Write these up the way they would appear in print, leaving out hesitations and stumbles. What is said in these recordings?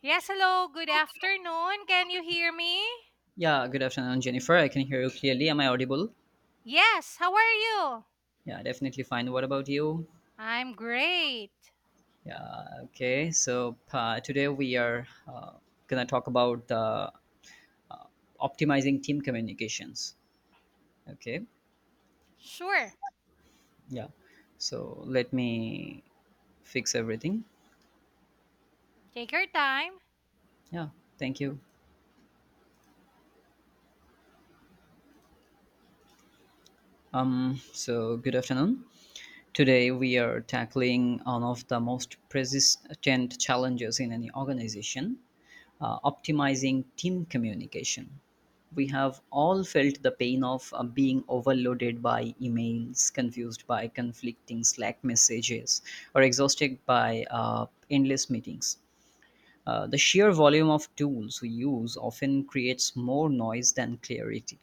Yes, hello. Good afternoon. Can you hear me? Yeah, good afternoon, Jennifer. I can hear you clearly. Am I audible? Yes, how are you? Yeah, definitely fine. What about you? I'm great. Yeah, okay. So today we are gonna talk about optimizing team communications. Okay. Sure. Yeah. So let me fix everything. Take your time. Yeah. Thank you. Good afternoon. Today, we are tackling one of the most persistent challenges in any organization, optimizing team communication. We have all felt the pain of being overloaded by emails, confused by conflicting Slack messages, or exhausted by endless meetings. The sheer volume of tools we use often creates more noise than clarity.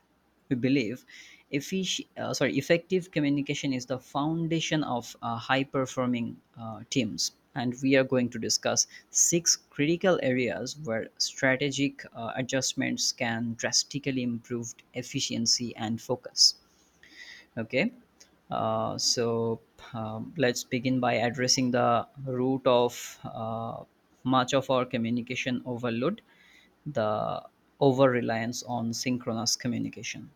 We believe effective communication is the foundation of high performing teams. And we are going to discuss six critical areas where strategic adjustments can drastically improve efficiency and focus. Okay, uh, so let's begin by addressing the root of much of our communication overload, the over reliance on synchronous communication.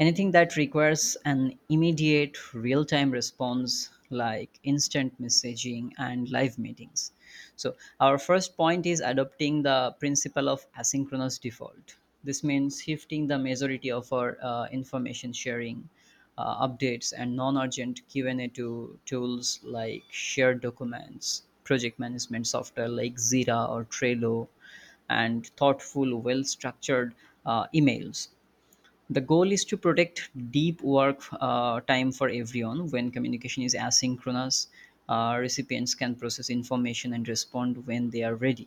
Anything that requires an immediate, real time response, like instant messaging and live meetings. So, our first point is adopting the principle of asynchronous default. This means shifting the majority of our information sharing, updates, and non urgent Q&A to tools like shared documents, project management software like Jira or Trello, and thoughtful, well structured emails. The goal is to protect deep work time for everyone. When communication is asynchronous, recipients can process information and respond when they are ready,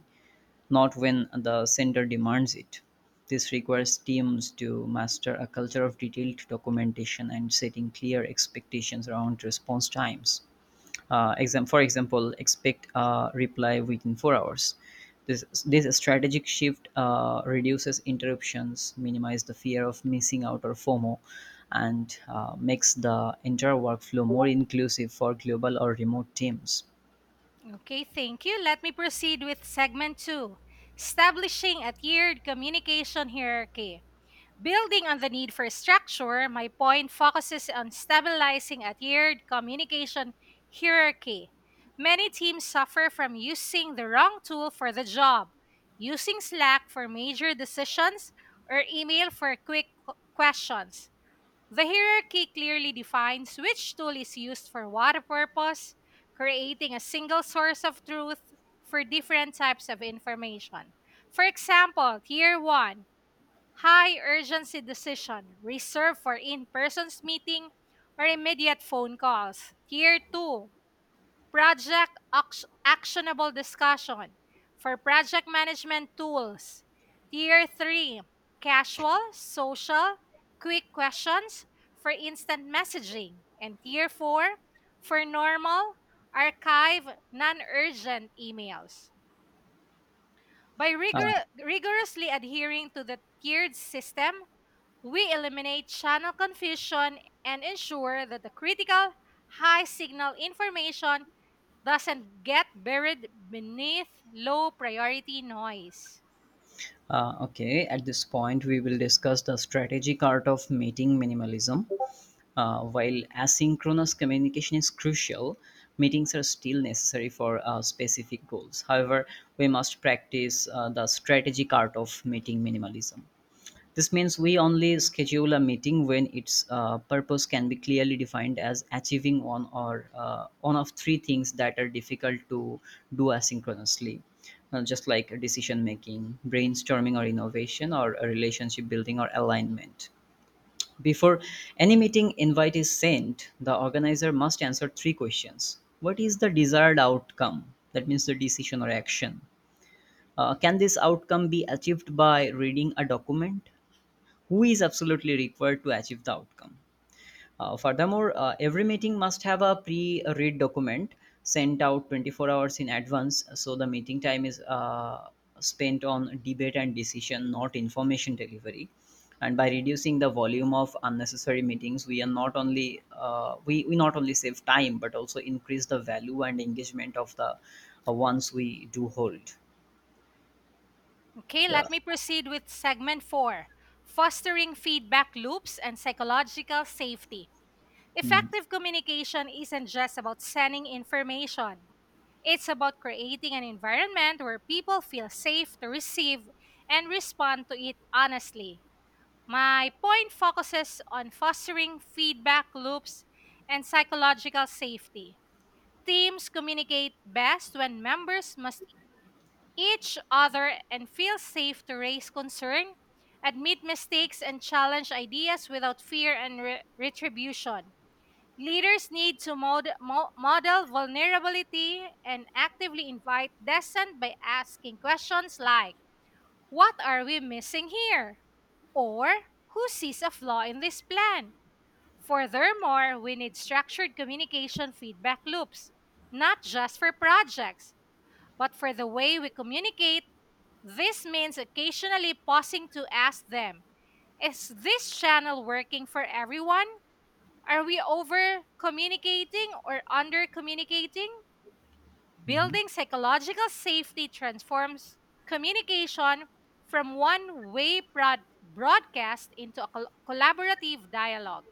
not when the sender demands it. This requires teams to master a culture of detailed documentation and setting clear expectations around response times. For example, expect a reply within four hours. This strategic shift reduces interruptions, minimizes the fear of missing out, or FOMO, and makes the entire workflow more inclusive for global or remote teams. Okay, thank you. Let me proceed with segment two, establishing a tiered communication hierarchy. Building on the need for structure, my point focuses on stabilizing a tiered communication hierarchy. Many teams suffer from using the wrong tool for the job, using Slack for major decisions, or email for quick questions. The hierarchy clearly defines which tool is used for what purpose, creating a single source of truth for different types of information. For example, Tier 1, high urgency decision reserved for in-persons meeting or immediate phone calls. Tier 2, project actionable discussion for project management tools. Tier 3, casual, social, quick questions for instant messaging. And tier 4, for normal, archive, non-urgent emails. By Uh, rigorously adhering to the tiered system, we eliminate channel confusion and ensure that the critical high signal information doesn't get buried beneath low priority noise. Okay, at this point, we will discuss the strategic art of meeting minimalism. While asynchronous communication is crucial, meetings are still necessary for specific goals. However, we must practice the strategic art of meeting minimalism. This means we only schedule a meeting when its purpose can be clearly defined as achieving one or one of three things that are difficult to do asynchronously, just like decision making, brainstorming or innovation, or a relationship building or alignment. Before any meeting invite is sent, the organizer must answer three questions. What is the desired outcome? That means the decision or action. Can this outcome be achieved by reading a document? Who is absolutely required to achieve the outcome. Furthermore, every meeting must have a pre read document sent out 24 hours in advance, so the meeting time is spent on debate and decision, not information delivery. And by reducing the volume of unnecessary meetings, we are not only we not only save time but also increase the value and engagement of the ones we do hold. Okay, Yeah. let me proceed with segment four, fostering feedback loops and psychological safety. Mhm. Effective communication isn't just about sending information, it's about creating an environment where people feel safe to receive and respond to it honestly. My point focuses on fostering feedback loops and psychological safety. Teams communicate best when members must each other and feel safe to raise concern, admit mistakes, and challenge ideas without fear and retribution. Leaders need to model vulnerability and actively invite dissent by asking questions like, what are we missing here? Or who sees a flaw in this plan? Furthermore, we need structured communication feedback loops, not just for projects, but for the way we communicate. This means occasionally pausing to ask them, is this channel working for everyone? Are we over communicating or under communicating? Mhm. Building psychological safety transforms communication from one way broadcast into a collaborative dialogue.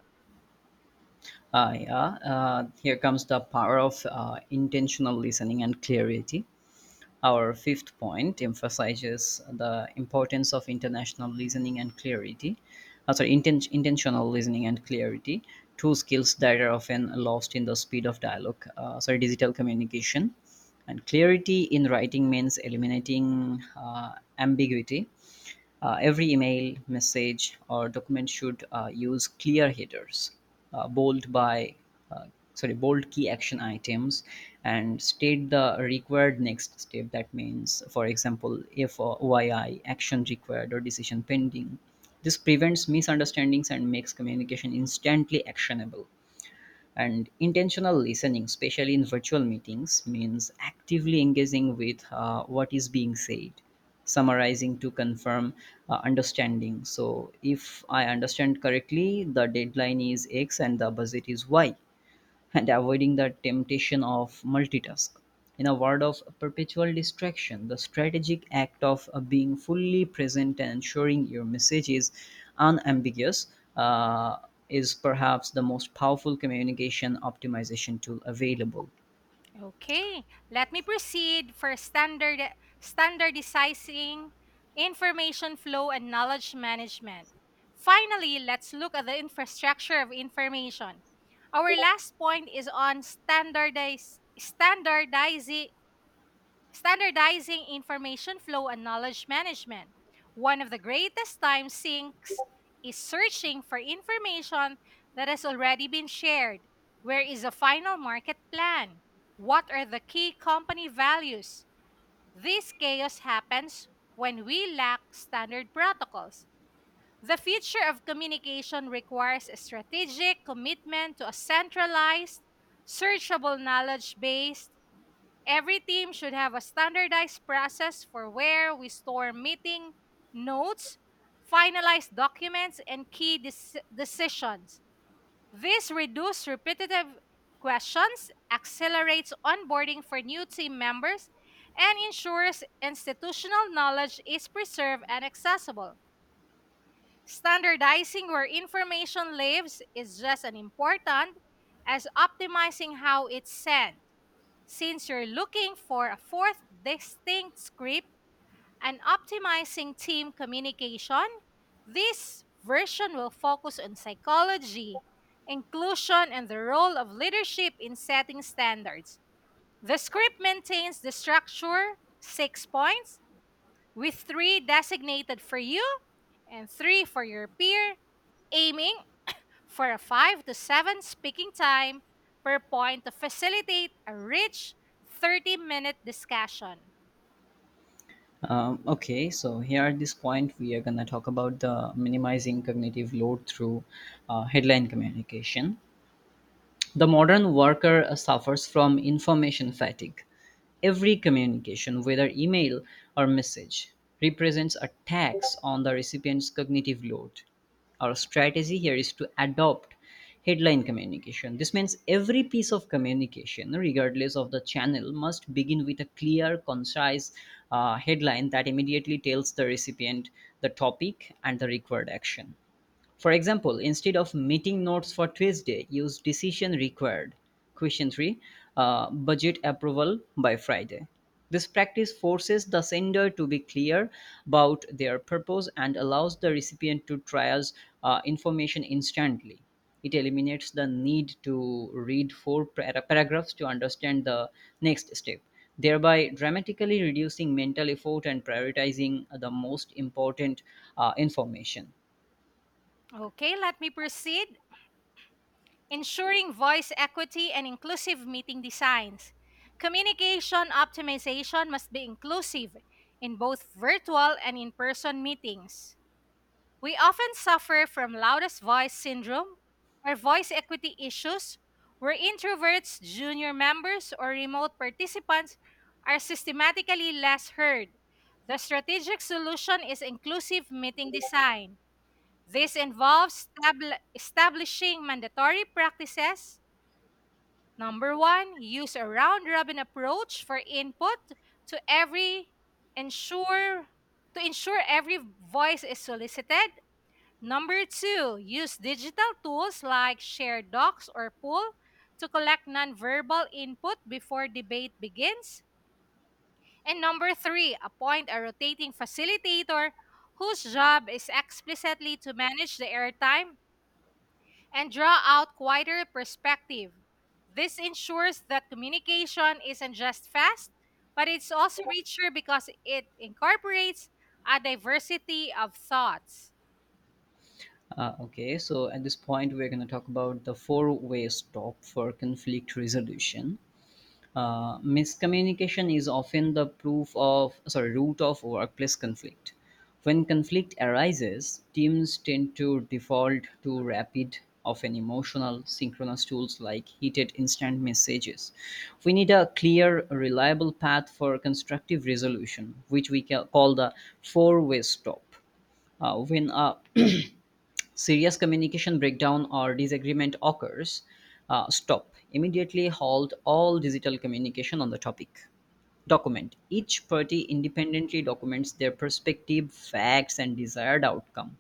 Yeah, here comes the power of intentional listening and clarity. Our fifth point emphasizes the importance of international listening and clarity. Intentional listening and clarity, two skills that are often lost in the speed of dialogue. Digital communication. And clarity in writing means eliminating ambiguity. Every email, message, or document should use clear headers, uh, bold by uh, bold key action items, and state the required next step. That means, for example, if or OII action required or decision pending. This prevents misunderstandings and makes communication instantly actionable, and intentional listening, especially in virtual meetings, means actively engaging with what is being said, summarizing to confirm understanding. So if I understand correctly, the deadline is X and the budget is Y, and avoiding the temptation of multitask. In a world of perpetual distraction, the strategic act of being fully present and ensuring your message is unambiguous uh, is perhaps the most powerful communication optimization tool available. Okay, let me proceed for standard, standardizing information flow and knowledge management. Finally, let's look at the infrastructure of information. Our last point is on standardize, standardizing standardizing information flow and knowledge management. One of the greatest time sinks is searching for information that has already been shared. Where is the final market plan? What are the key company values? This chaos happens when we lack standard protocols. The future of communication requires a strategic commitment to a centralized, searchable knowledge base. Every team should have a standardized process for where we store meeting notes, finalized documents, and key decisions. This reduces repetitive questions, accelerates onboarding for new team members, and ensures institutional knowledge is preserved and accessible. Standardizing where information lives is just as important as optimizing how it's sent. Since you're looking for a fourth distinct script and optimizing team communication, this version will focus on psychology, inclusion, and the role of leadership in setting standards. The script maintains the structure, 6 points, with three designated for you and three for your peer, aiming for a five to seven speaking time per point to facilitate a rich 30 minute discussion. Okay, so here at this point, we are going to talk about the minimizing cognitive load through headline communication. The modern worker suffers from information fatigue. Every communication, whether email or message, represents a tax on the recipient's cognitive load. Our strategy here is to adopt headline communication. This means every piece of communication, regardless of the channel, must begin with a clear, concise headline that immediately tells the recipient the topic and the required action. For example, instead of meeting notes for Tuesday, use decision required. Question 3, budget approval by Friday. This practice forces the sender to be clear about their purpose and allows the recipient to triage information instantly. It eliminates the need to read paragraphs to understand the next step, thereby dramatically reducing mental effort and prioritizing the most important information. Okay, let me proceed. Ensuring voice equity and inclusive meeting designs. Communication optimization must be inclusive in both virtual and in person meetings. We often suffer from loudest voice syndrome or voice equity issues, where introverts, junior members, or remote participants are systematically less heard. The strategic solution is inclusive meeting design. This involves establishing mandatory practices. Number one, use a round robin approach for input to every ensure to ensure every voice is solicited. Number two, use digital tools like share docs or pool to collect nonverbal input before debate begins. And number three, appoint a rotating facilitator whose job is explicitly to manage the airtime and draw out quieter perspective. This ensures that communication isn't just fast, but it's also richer because it incorporates a diversity of thoughts. Okay, so at this point, we're going to talk about the four-way stop for conflict resolution. Miscommunication is often the root of workplace conflict. When conflict arises, teams tend to default to rapid, often emotional, synchronous tools like heated instant messages. We need a clear, reliable path for constructive resolution, which we call the four-way stop. When a serious communication breakdown or disagreement occurs, stop. Immediately halt all digital communication on the topic. Document. Each party independently documents their perspective, facts, and desired outcome.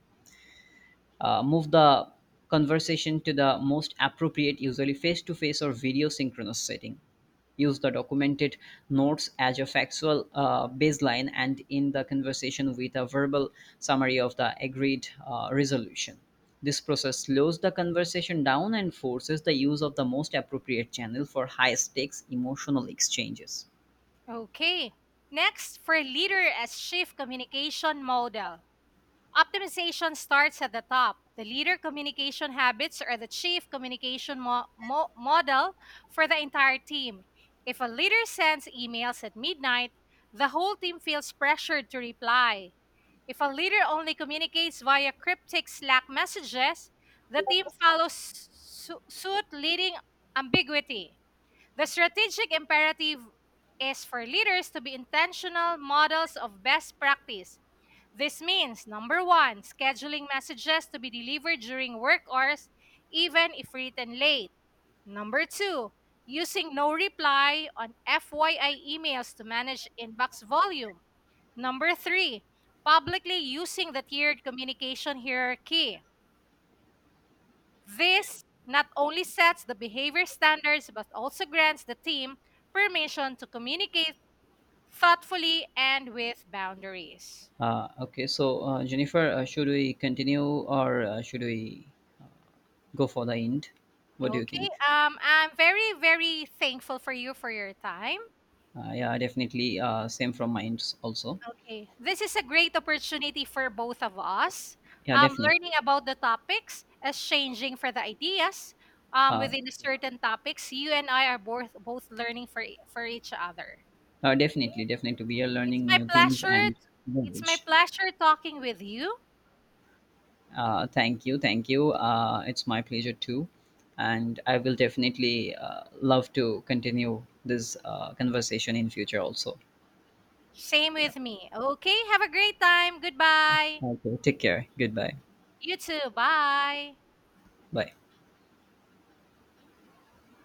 Move the conversation to the most appropriate, usually face to face or video synchronous setting. Use the documented notes as your factual baseline and in the conversation with a verbal summary of the agreed resolution. This process slows the conversation down and forces the use of the most appropriate channel for high stakes emotional exchanges. Okay. Next, for leader as chief communication model. Optimization starts at the top. The leader communication habits are the chief communication model for the entire team. If a leader sends emails at midnight, the whole team feels pressured to reply. If a leader only communicates via cryptic Slack messages, the team follows suit, leading ambiguity. The strategic imperative is for leaders to be intentional models of best practice. This means number one, scheduling messages to be delivered during work hours, even if written late. Number two, using no reply on FYI emails to manage inbox volume. Number three, publicly using the tiered communication hierarchy. This not only sets the behavior standards but also grants the team permission to communicate thoughtfully and with boundaries. Okay, so Jennifer, should we continue or should we go for the end? What do you Okay, think? I'm very, very thankful for you for your time. Yeah, definitely. Same from my ends also. Okay, this is a great opportunity for both of us. Yeah, definitely. Learning about the topics, exchanging for the ideas Uh, within certain topics. You and I are both learning for for each other. Definitely, definitely, we are It's learning my new things pleasure. and It's my knowledge. pleasure talking with you. Thank you, thank you. It's my pleasure too, and I will definitely love to continue this conversation in future also. Same with me. Okay, have a great time. Goodbye. Okay, take care. Goodbye. You too. Bye. Bye.